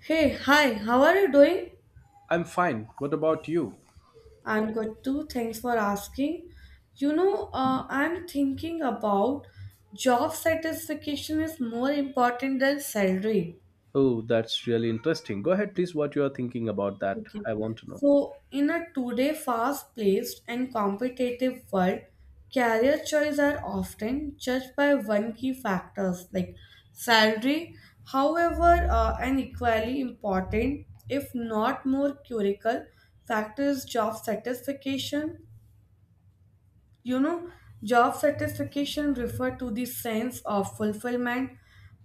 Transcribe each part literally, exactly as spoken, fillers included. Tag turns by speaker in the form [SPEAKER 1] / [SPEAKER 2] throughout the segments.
[SPEAKER 1] Hey, hi, how are you doing?
[SPEAKER 2] I'm fine. What about you?
[SPEAKER 1] I'm good too. Thanks for asking. You know, uh, I'm thinking about job satisfaction is more important than salary.
[SPEAKER 2] Oh, that's really interesting. Go ahead, please, what you are thinking about that.
[SPEAKER 1] Okay.
[SPEAKER 2] I want to know.
[SPEAKER 1] So, in a today fast-paced and competitive world, career choice are often judged by one key factors like salary. However, uh, an equally important, if not more critical, factor is job satisfaction. You know, Job satisfaction refer to the sense of fulfillment,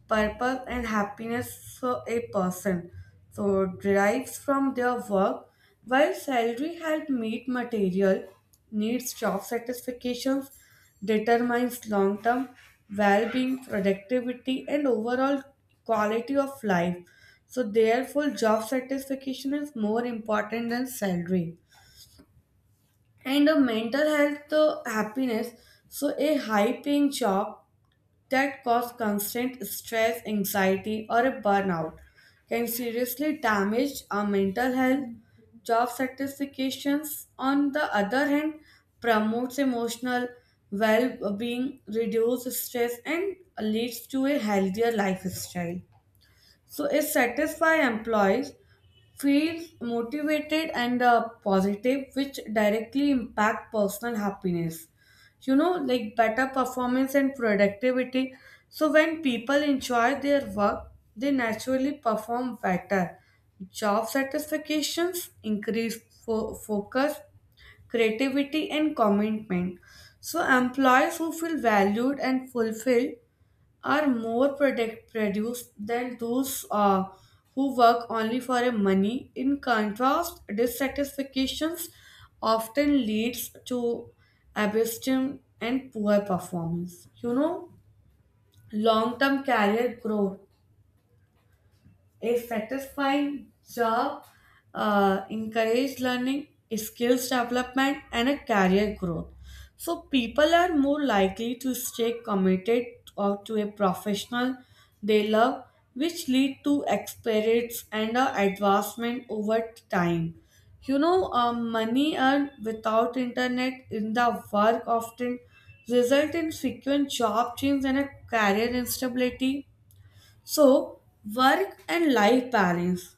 [SPEAKER 1] purpose, and happiness for a person so derives from their work, while salary help meet material needs. Job satisfaction determines long-term well-being, productivity, and overall quality of life. So, therefore, job satisfaction is more important than salary and a mental health, uh, happiness. So a high paying job that cause constant stress anxiety or a burnout can seriously damage our mental health. Job satisfactions on the other hand promotes emotional well-being, reduces stress, and leads to a healthier lifestyle. So a satisfied employees feels motivated and uh, positive, which directly impact personal happiness, you know like better performance and productivity. So when people enjoy their work they naturally perform better. Job satisfactions increase fo- focus, creativity, and commitment. So employees who feel valued and fulfilled are more product produced than those uh, who work only for a money. In contrast, dissatisfactions often leads to abstinence and poor performance. You know, long-term career growth. A satisfying job uh, encourages learning, skills development, and a career growth. So people are more likely to stay committed or to a professional they love, which lead to experience and uh, advancement over time. You know, uh, money earned without internet in the work often result in frequent job change and a career instability. So, work and life balance.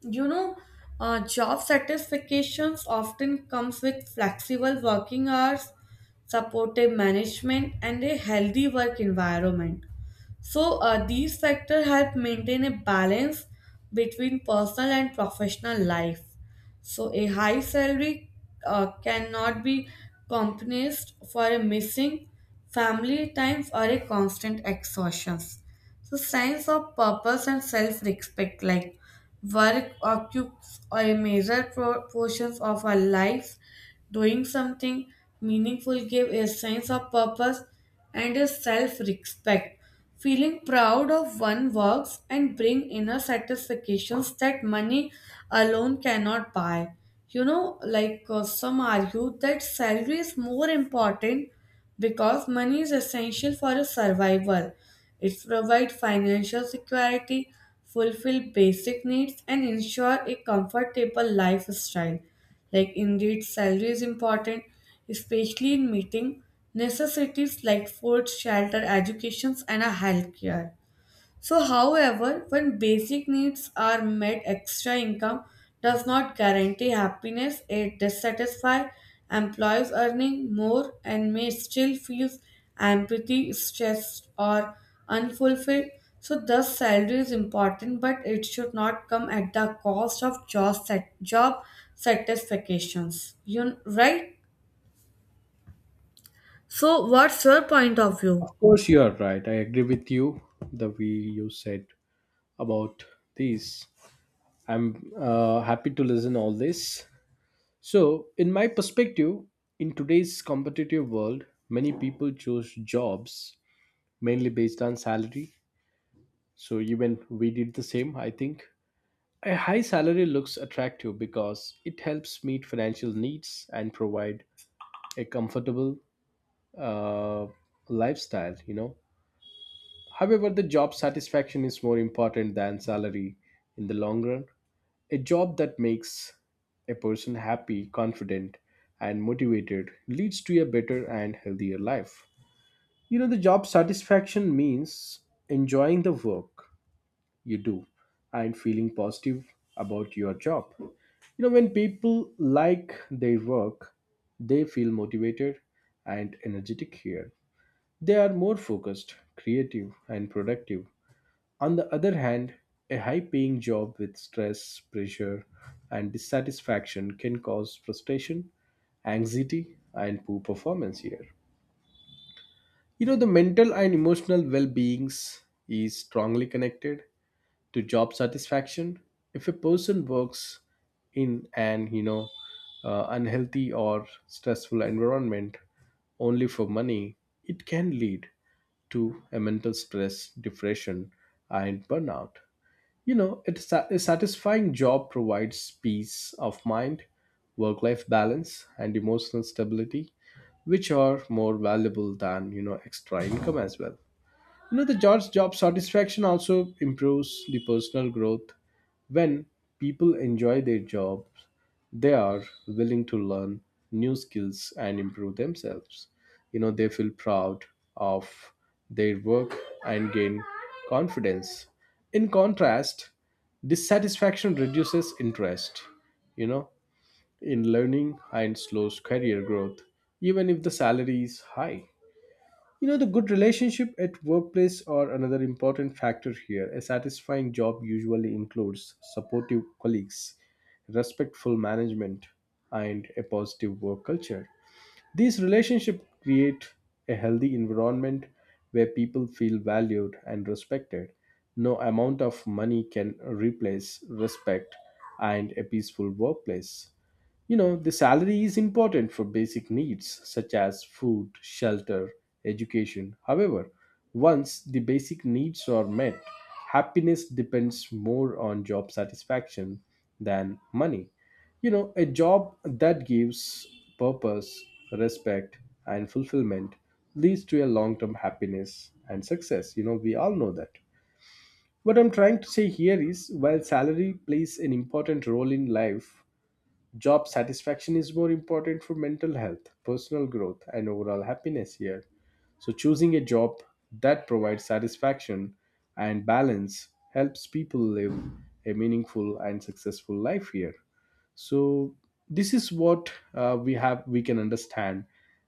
[SPEAKER 1] You know, uh, Job satisfactions often comes with flexible working hours, supportive management, and a healthy work environment. So, uh, these factors help maintain a balance between personal and professional life. So, a high salary uh, cannot be compensated for a missing family times or a constant exhaustion. So, sense of purpose and self respect, like work occupies a major pro- portions of our lives. Doing something meaningful gives a sense of purpose and a self respect. Feeling proud of one works and bring inner satisfactions that money alone cannot buy. You know, like uh, some argue that salary is more important because money is essential for a survival. It provides financial security, fulfill basic needs, and ensure a comfortable lifestyle. Like indeed, salary is important, especially in meeting necessities like food, shelter, educations, and a healthcare. So, however, when basic needs are met, extra income does not guarantee happiness. It dissatisfies employees earning more and may still feel empathy, stressed, or unfulfilled. So, thus, salary is important, but it should not come at the cost of job, sat- job satisfactions. You right? So, what's your point of
[SPEAKER 2] Of
[SPEAKER 1] view?
[SPEAKER 2] course, you are right. I agree with you. The way you said about these, I'm uh, happy to listen all this. So, in my perspective, in today's competitive world, many people choose jobs mainly based on salary. So even we did the same, I think. A high salary looks attractive because it helps meet financial needs and provide a comfortable uh, lifestyle. You know however the job satisfaction is more important than salary. In the long run, a job that makes a person happy, confident, and motivated leads to a better and healthier life. You know the job satisfaction means enjoying the work you do and feeling positive about your job. You know when people like their work, they feel motivated and energetic here. They are more focused, creative, and productive. On the other hand, a high paying job with stress, pressure, and dissatisfaction can cause frustration, anxiety, and poor performance here. You know, the mental and emotional well being is strongly connected to job satisfaction. If a person works in an, you know, uh, unhealthy or stressful environment only for money, it can lead to a mental stress, depression, and burnout. You know, it's a a satisfying job provides peace of mind, work life balance, and emotional stability, which are more valuable than, you know, extra income as well. You know, the job's job satisfaction also improves the personal growth. When people enjoy their jobs, they are willing to learn new skills and improve themselves. You know, they feel proud of their work and gain confidence. In contrast, dissatisfaction reduces interest, you know, in learning and slows career growth, even if the salary is high. You know, the good relationship at workplace are another important factor here. A satisfying job usually includes supportive colleagues, respectful management, and a positive work culture. These relationships create a healthy environment where people feel valued and respected. No amount of money can replace respect and a peaceful workplace. You know, the salary is important for basic needs such as food, shelter, education. However, once the basic needs are met, happiness depends more on job satisfaction than money. You know, a job that gives purpose, respect, and fulfillment leads to a long term happiness and success. You know, we all know that. What I'm trying to say here is while salary plays an important role in life, job satisfaction is more important for mental health, personal growth, and overall happiness here. So, choosing a job that provides satisfaction and balance helps people live a meaningful and successful life here. So, this is what uh, we have we can understand,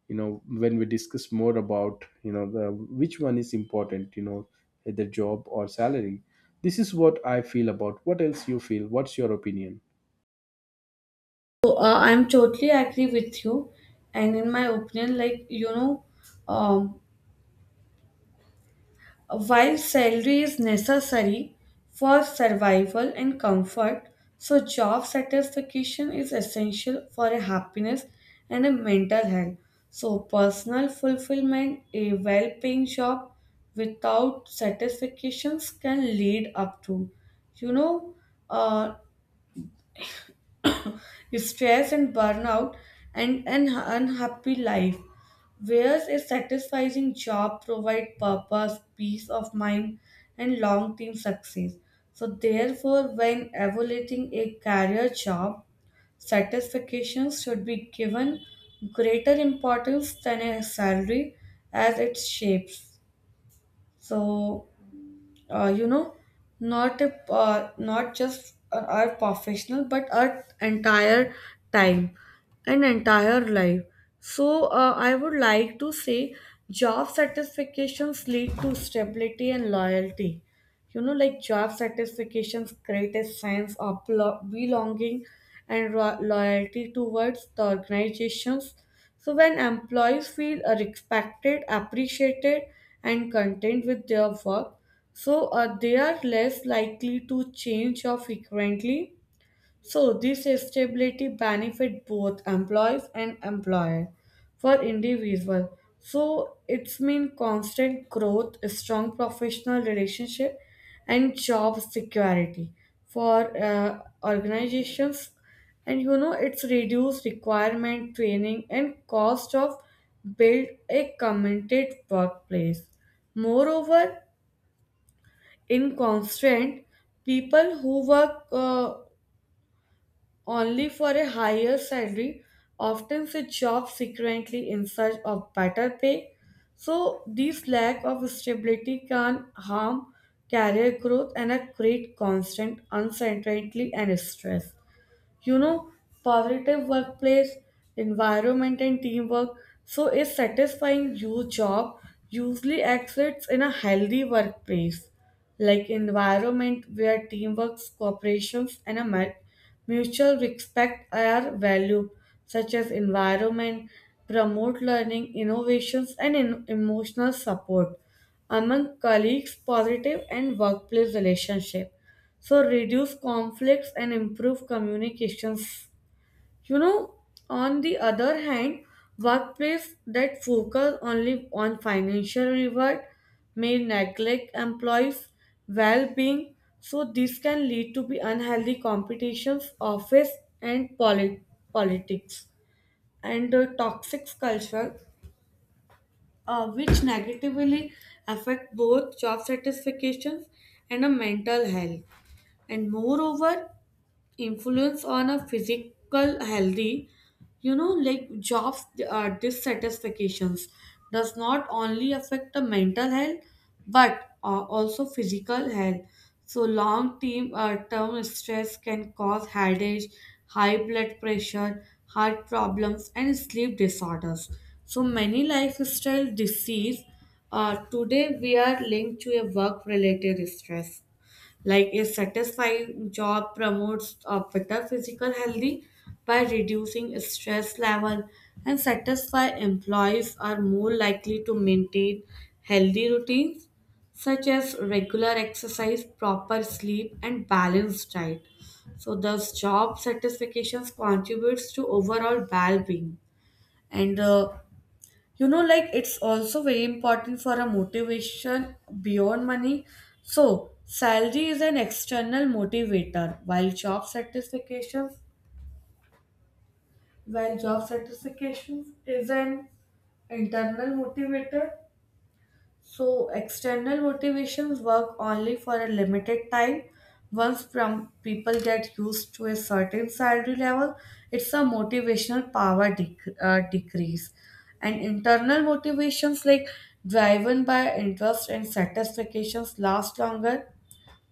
[SPEAKER 2] you know, when we discuss more about, you know, the which one is important, you know, either job or salary. This is what I feel about. What else you feel? What's your opinion?
[SPEAKER 1] So, uh, I'm totally agree with you, and in my opinion, like you know, um, while salary is necessary for survival and comfort, so job satisfaction is essential for a happiness and a mental health. So, personal fulfillment, a well-paying job without satisfactions can lead up to, you know, uh, stress and burnout and an unhappy life. Whereas a satisfying job provides purpose, peace of mind, and long term success. So, therefore, when evaluating a career job, satisfaction should be given greater importance than a salary as it shapes. So, uh, you know not a, uh, not just our professional but our entire time and entire life. So uh, I would like to say job satisfactions lead to stability and loyalty. You know, like job satisfaction's greatest sense of belo- belonging and ro- loyalty towards the organizations. So, when employees feel uh, respected, appreciated, and content with their work, so uh, they are less likely to change or frequently. So this stability benefit both employees and employer for individual. So it's mean constant growth, strong professional relationship, and job security for uh, organizations. And you know it's reduce requirement training and cost of build a committed workplace. Moreover, in constant people who work uh, only for a higher salary, often switch jobs secretly in search of better pay. So, this lack of stability can harm career growth and create constant uncertainty and stress. you know Positive workplace environment and teamwork. So a satisfying you job usually exists in a healthy workplace, like environment where teamwork cooperations and a mu- mutual respect are valued. Such as environment promote learning innovations and in- emotional support among colleagues, positive and workplace relationship. So reduce conflicts and improve communications. you know on the other hand, workplace that focus only on financial reward may neglect employees well-being. So this can lead to be unhealthy competitions office and polit- politics and uh, toxic culture, uh, which negatively affect both job satisfactions and a mental health. And moreover influence on a physical healthy. You know like jobs uh, dissatisfactions does not only affect the mental health but uh, also physical health. So long term uh, term stress can cause headache, high blood pressure, heart problems, and sleep disorders. So many lifestyle disease uh, today we are linked to a work related stress. Like a satisfying job promotes a better physical healthy by reducing stress level, and satisfied employees are more likely to maintain healthy routines such as regular exercise, proper sleep, and balanced diet. So thus job satisfaction contributes to overall well-being. And uh, you know like it's also very important for a motivation beyond money. So salary is an external motivator while job satisfaction while job satisfaction is an internal motivator. So, external motivations work only for a limited time. Once from people get used to a certain salary level, it's a motivational power dec- uh, decrease. And internal motivations like driven by interest and satisfactions last longer.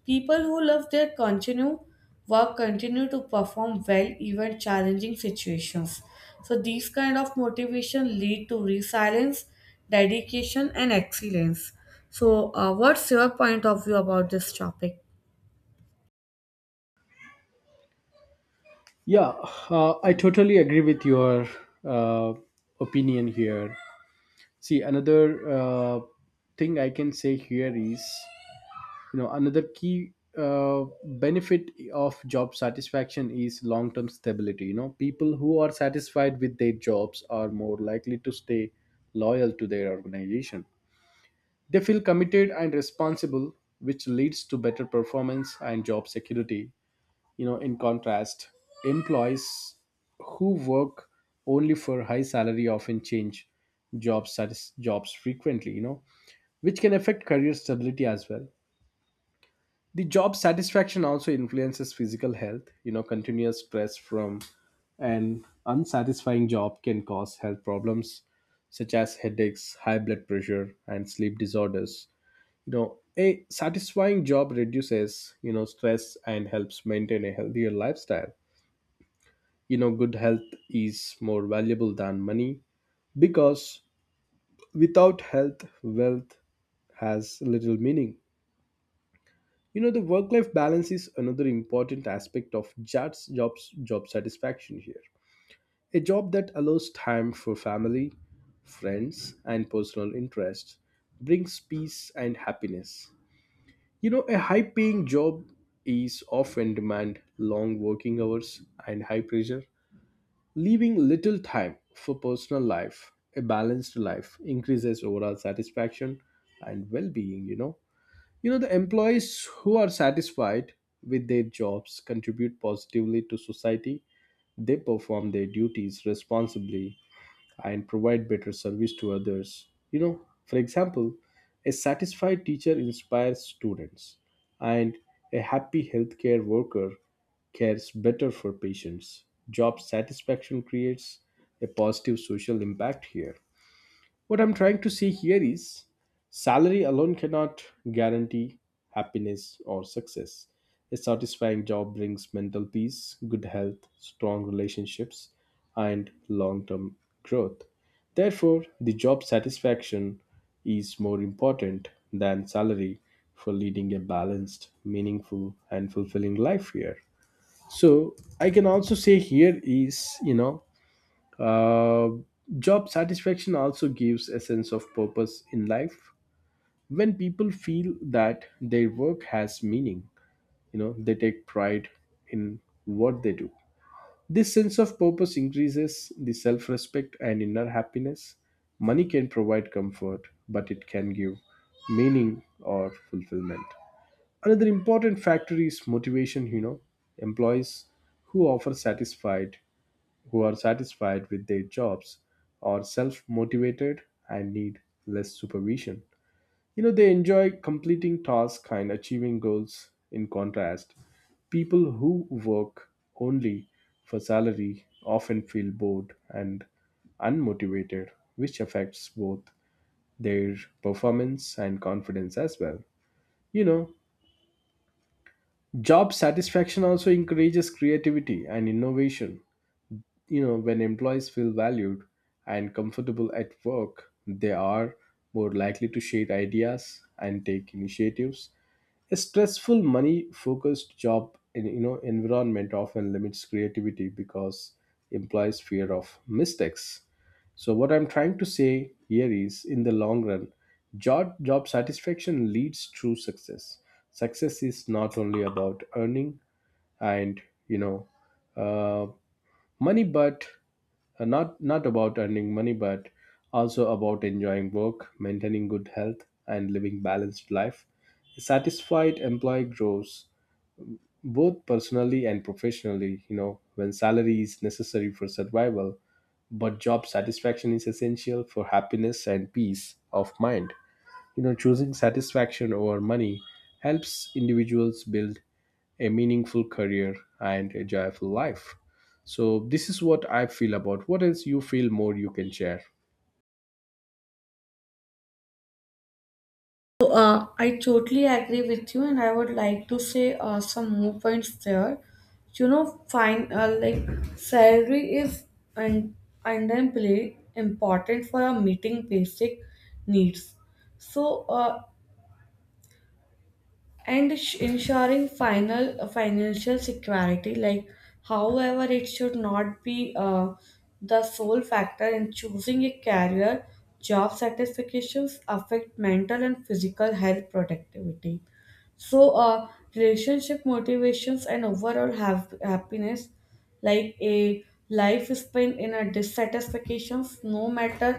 [SPEAKER 1] People who love their continue work continue to perform well even challenging situations. So these kind of motivation lead to resilience, dedication, and excellence. So uh, what's your point of view about this topic?
[SPEAKER 2] Yeah, uh, I totally agree with your uh, opinion here. See, another uh, thing I can say here is, you know, another key uh, benefit of job satisfaction is long term stability. You know, people who are satisfied with their jobs are more likely to stay loyal to their organization. They feel committed and responsible, which leads to better performance and job security. You know, in contrast, employees who work only for high salary often change jobs satis- jobs frequently, you know, which can affect career stability as well. The job satisfaction also influences physical health. You know, continuous stress from an unsatisfying job can cause health problems such as headaches, high blood pressure, and sleep disorders. You know, a satisfying job reduces, you know stress and helps maintain a healthier lifestyle. You know, good health is more valuable than money, because without health, wealth has little meaning. You know the work life balance is another important aspect of jobs jobs job satisfaction here. A job that allows time for family, friends, and personal interests brings peace and happiness. You know, a high paying job is often demand long working hours and high pressure. Leaving little time for personal life, a balanced life increases overall satisfaction and well-being, you know. You know the employees who are satisfied with their jobs contribute positively to society. They perform their duties responsibly and provide better service to others. You know, for example, a satisfied teacher inspires students and a happy healthcare worker care is better for patients. Job satisfaction creates a positive social impact here. What I'm trying to say here is salary alone cannot guarantee happiness or success. A satisfying job brings mental peace, good health, strong relationships, and long term growth. Therefore, the job satisfaction is more important than salary for leading a balanced, meaningful, and fulfilling life here. So I can also say here is, you know, uh, job satisfaction also gives a sense of purpose in life. When people feel that their work has meaning, you know, they take pride in what they do. This sense of purpose increases the self-respect and inner happiness. Money can provide comfort, but it can give meaning or fulfillment. Another important factor is motivation. You know, employees who offer satisfied who are satisfied with their jobs, are self motivated, and need less supervision. You know, they enjoy completing tasks and achieving goals. In contrast, people who work only for salary often feel bored and unmotivated, which affects both their performance and confidence as well. You know, job satisfaction also encourages creativity and innovation. You know, when employees feel valued and comfortable at work, they are more likely to share ideas and take initiatives. A stressful money focused job in, you know environment often limits creativity because implies fear of mistakes. So what I'm trying to say here is in the long run, job job satisfaction leads to success. Success is not only about earning and, you know uh, money but uh, not not about earning money, but also about enjoying work, maintaining good health, and living balanced life. A satisfied employee grows both personally and professionally. You know, when salary is necessary for survival, but job satisfaction is essential for happiness and peace of mind. You know, choosing satisfaction over money helps individuals build a meaningful career and a joyful life. So this is what I feel about. What else you feel more you can share?
[SPEAKER 1] So, uh, I totally agree with you, and I would like to say uh, some more points there. You know, fine, uh, like salary is un- undeniably important for our meeting basic needs. So, uh, and sh- ensuring final uh, financial security. Like however it should not be uh, the sole factor in choosing a career. Job satisfactions affect mental and physical health productivity. So uh, relationship motivations and overall have happiness. Like a life spent in a dissatisfactions no matter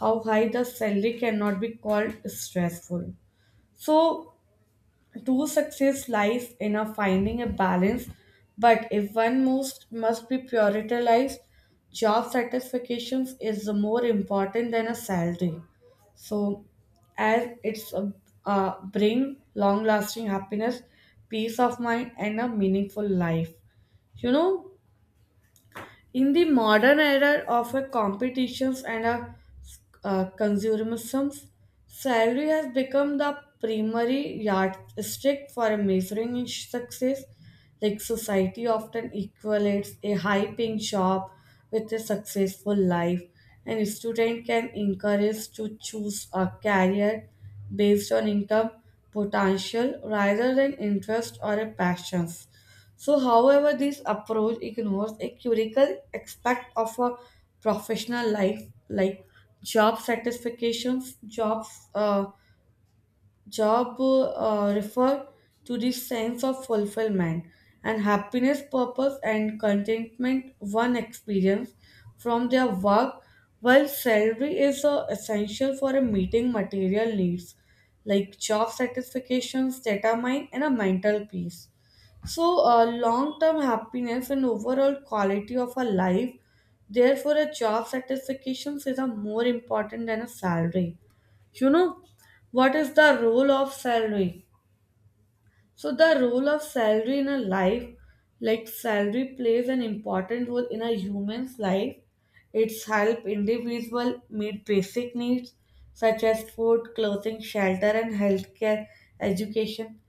[SPEAKER 1] how high the salary cannot be called stressful. So true success lies in a finding a balance, but if one most must be prioritized, job satisfactions is more important than a salary. So, as it's a, uh, bring long lasting happiness, peace of mind, and a meaningful life. You know, in the modern era of a competitions and a, uh, consumerism, salary has become the primary yardstick for measuring success. Like society often equates a high-paying job with a successful life, and a student can encourage to choose a career based on income potential rather than interest or a passions. So, however, this approach ignores a critical aspect of a professional life, like job satisfactions. Jobs, uh, job uh, refer to the sense of fulfillment and happiness, purpose, and contentment one experience from their work. While salary is uh, essential for a meeting material needs, like job satisfactions, data and a mental peace. So, uh, long term happiness and overall quality of a life, therefore, a job satisfaction is a more important than a salary. You know, What is the role of salary? So, the role of salary in a life, like salary plays an important role in a human's life. It's help individual meet basic needs such as food, clothing, shelter, and healthcare, education.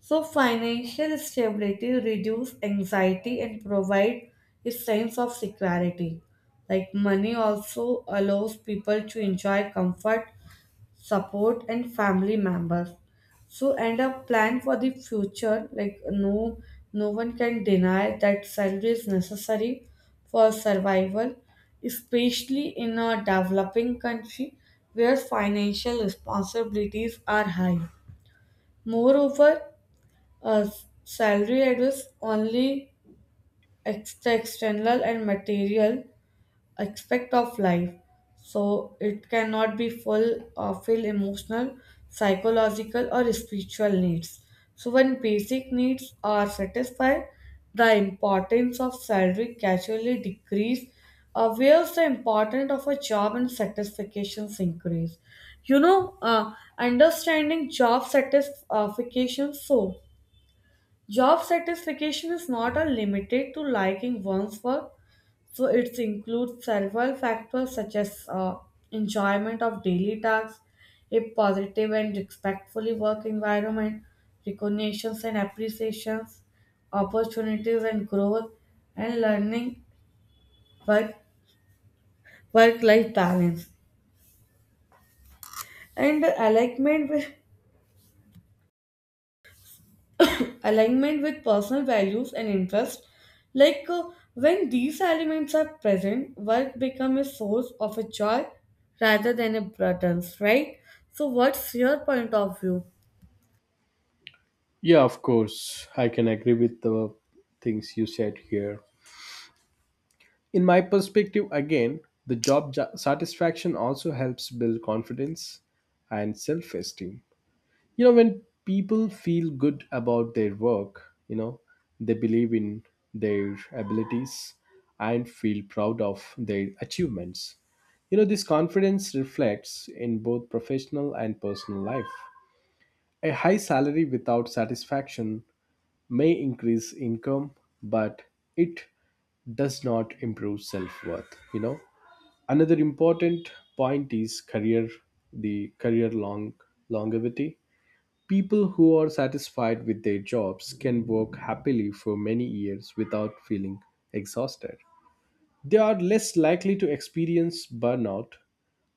[SPEAKER 1] So financial stability reduce anxiety and provide a sense of security. Like money also allows people to enjoy comfort, support and family members. So and a plan for the future, like no no one can deny that salary is necessary for survival, especially in a developing country where financial responsibilities are high. Moreover, uh, s- salary address only ex- the external and material aspect of life, so it cannot be full or fill emotional, psychological, or spiritual needs. So when basic needs are satisfied, the importance of salary casually decrease, uh, whereas the importance of a job and satisfactions increase. You know, uh, understanding job satisfaction so. Job satisfaction is not a limited to liking one's work, so it includes several factors such as uh, enjoyment of daily tasks, a positive and respectfully work environment, recognitions and appreciations, opportunities and growth, and learning work work life balance, and alignment with alignment with personal values and interests. Like uh, when these elements are present, work becomes a source of a joy rather than a burden, right? So, what's your point of view?
[SPEAKER 2] Yeah, of course, I can agree with the things you said here. In my perspective again, the job ja- satisfaction also helps build confidence and self-esteem. You know, when people feel good about their work, you know, they believe in their abilities and feel proud of their achievements. You know, this confidence reflects in both professional and personal life. A high salary without satisfaction may increase income, but it does not improve self-worth. You know, another important point is career the career long longevity. People who are satisfied with their jobs can work happily for many years without feeling exhausted. They are less likely to experience burnout.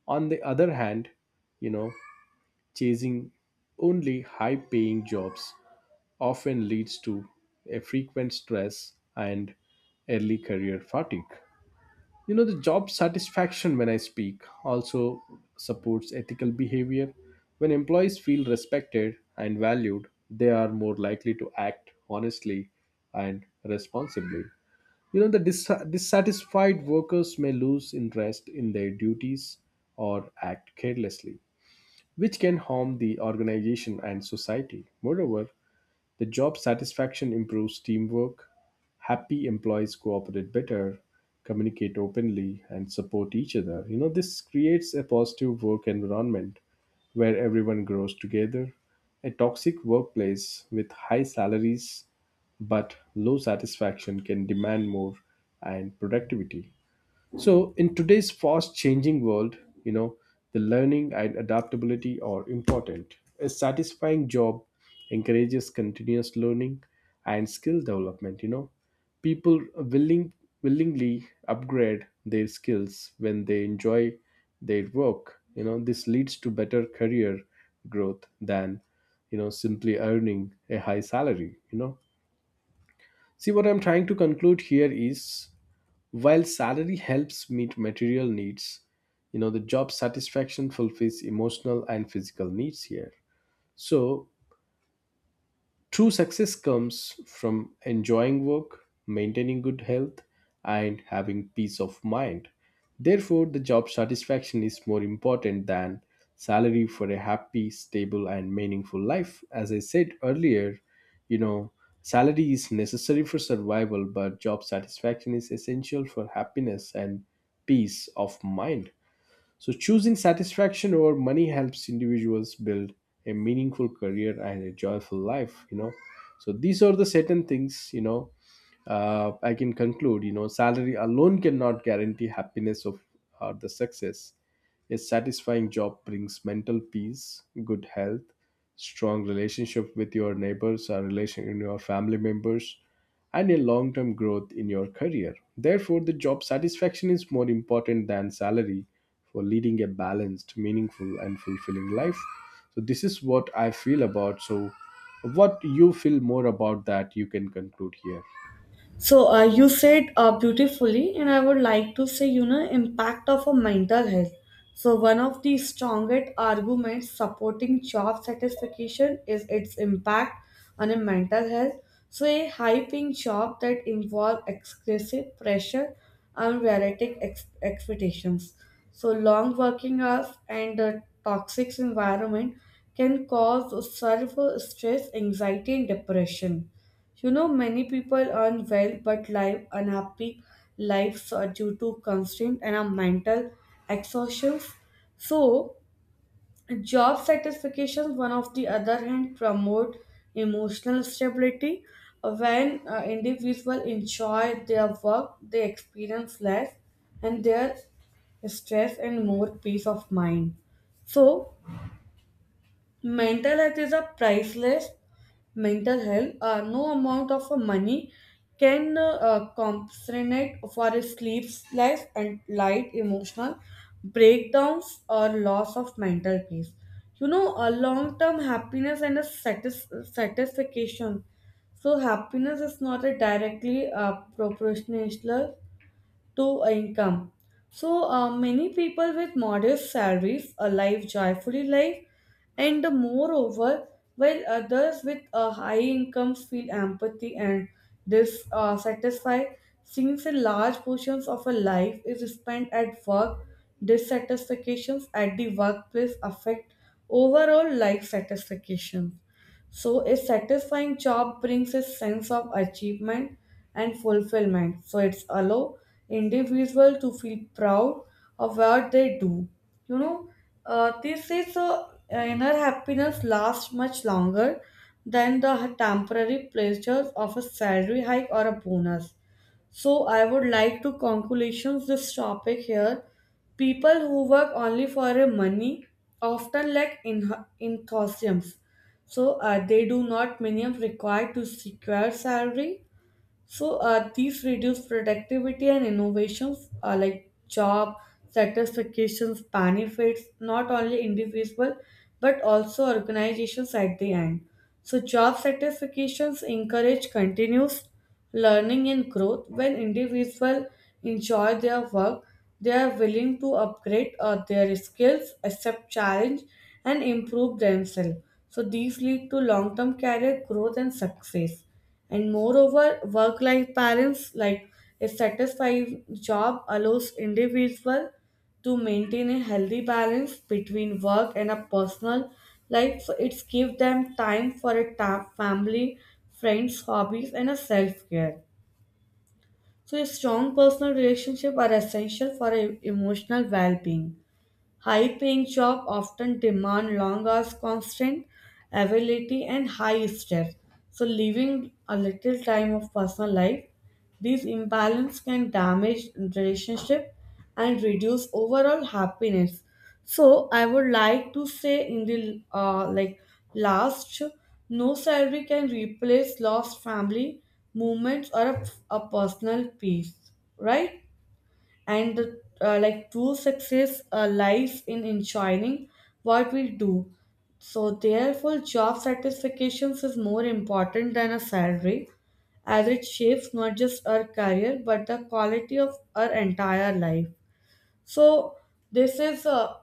[SPEAKER 2] On the other hand, you know, chasing only high paying jobs often leads to a frequent stress and early career fatigue. You know, the job satisfaction when I speak also supports ethical behavior. When employees feel respected and valued, they are more likely to act honestly and responsibly. You know, the dis- dissatisfied workers may lose interest in their duties or act carelessly, which can harm the organization and society. Moreover, the job satisfaction improves teamwork. Happy employees cooperate better, communicate openly, and support each other. You know, this creates a positive work environment where everyone grows together. A toxic workplace with high salaries but low satisfaction can demand more and productivity. So, in today's fast changing world, you know, the learning and adaptability are important. A satisfying job encourages continuous learning and skill development, you know. People willing willingly upgrade their skills when they enjoy their work. You know, this leads to better career growth than, you know, simply earning a high salary, you know. See, what I'm trying to conclude here is while salary helps meet material needs, you know, the job satisfaction fulfills emotional and physical needs here. So, true success comes from enjoying work, maintaining good health, and having peace of mind. Therefore, the job satisfaction is more important than salary for a happy, stable, and meaningful life. As I said earlier, you know, salary is necessary for survival, but job satisfaction is essential for happiness and peace of mind. So, choosing satisfaction over money helps individuals build a meaningful career and a joyful life, you know. So, these are the certain things, you know, uh, I can conclude, you know, salary alone cannot guarantee happiness of or the success. A satisfying job brings mental peace, good health, strong relationship with your neighbors or relation in your family members, and a long term growth in your career. Therefore, the job satisfaction is more important than salary for leading a balanced, meaningful, and fulfilling life. So, this is what I feel about. So, what you feel more about that, you can conclude here.
[SPEAKER 1] So uh, you said uh, beautifully, and I would like to say, you know, impact of a mental health. So one of the strongest arguments supporting job satisfaction is its impact on a mental health. So a high-paying job that involves excessive pressure and realistic ex- expectations. So long working hours and a toxic environment can cause severe stress, anxiety, and depression. You know, many people earn well but live unhappy lives are due to constraint and our mental exhaustions. So, job satisfaction, one of the other hand, promote emotional stability. When uh, individuals enjoy their work, they experience less and their stress and more peace of mind. So, mental health is a priceless. Mental health, uh, no amount of uh, money can uh, uh, compensate for a sleepless and light emotional breakdowns or loss of mental peace. You know, a long-term happiness and a satis- satisfaction. So happiness is not a directly uh, proportional to income. So uh, many people with modest salaries alive joyfully life, and moreover, while others with a high incomes feel empathy and this uh, satisfy, since a large portions of a life is spent at work, dissatisfactions at the workplace affect overall life satisfaction. So, a satisfying job brings a sense of achievement and fulfillment. So, it's allow individual to feel proud of what they do. You know, uh, this is a inner happiness lasts much longer than the temporary pleasures of a salary hike or a bonus. So I would like to conclusions this topic here. People who work only for a money often lack in enthusiasm. So uh, they do not minimum required to secure salary. So uh, these reduce productivity and innovations, uh, like job satisfactions benefits not only individual but also organizations at the end. So job satisfactions encourage continuous learning and growth when individuals enjoy their work. They are willing to upgrade uh, their skills, accept challenge, and improve themselves. So these lead to long-term career growth and success. And moreover, work life balance, like a satisfying job, allows individual to maintain a healthy balance between work and a personal life. So it's give them time for a ta- family, friends, hobbies, and a self care. So a strong personal relationship are essential for a emotional well being. High paying jobs often demand long hours, constant availability, and high stress. So, leaving a little time of personal life, these imbalance can damage relationship and reduce overall happiness. So, I would like to say in the, uh, like last, no salary can replace lost family moments or a, a personal peace, right? And the, uh, like true success uh, lies in enjoying what we do. So therefore job satisfactions is more important than a salary as it shapes not just our career but the quality of our entire life. So this is a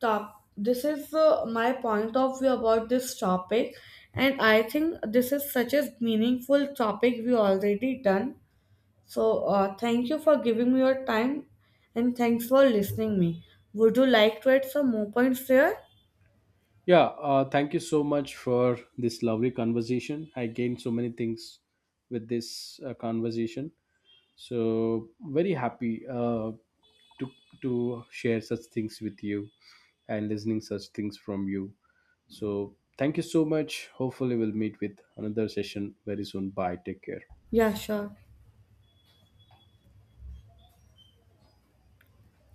[SPEAKER 1] top this is uh, my point of view about this topic, and I think this is such a meaningful topic we already done. So uh, thank you for giving me your time and thanks for listening me. Would you like to add some more points there?
[SPEAKER 2] Yeah, uh, thank you so much for this lovely conversation. I gained so many things with this uh, conversation. So, very happy uh, to, to share such things with you and listening such things from you. So, thank you so much. Hopefully, we'll meet with another session very soon. Bye. Take care.
[SPEAKER 1] Yeah, sure.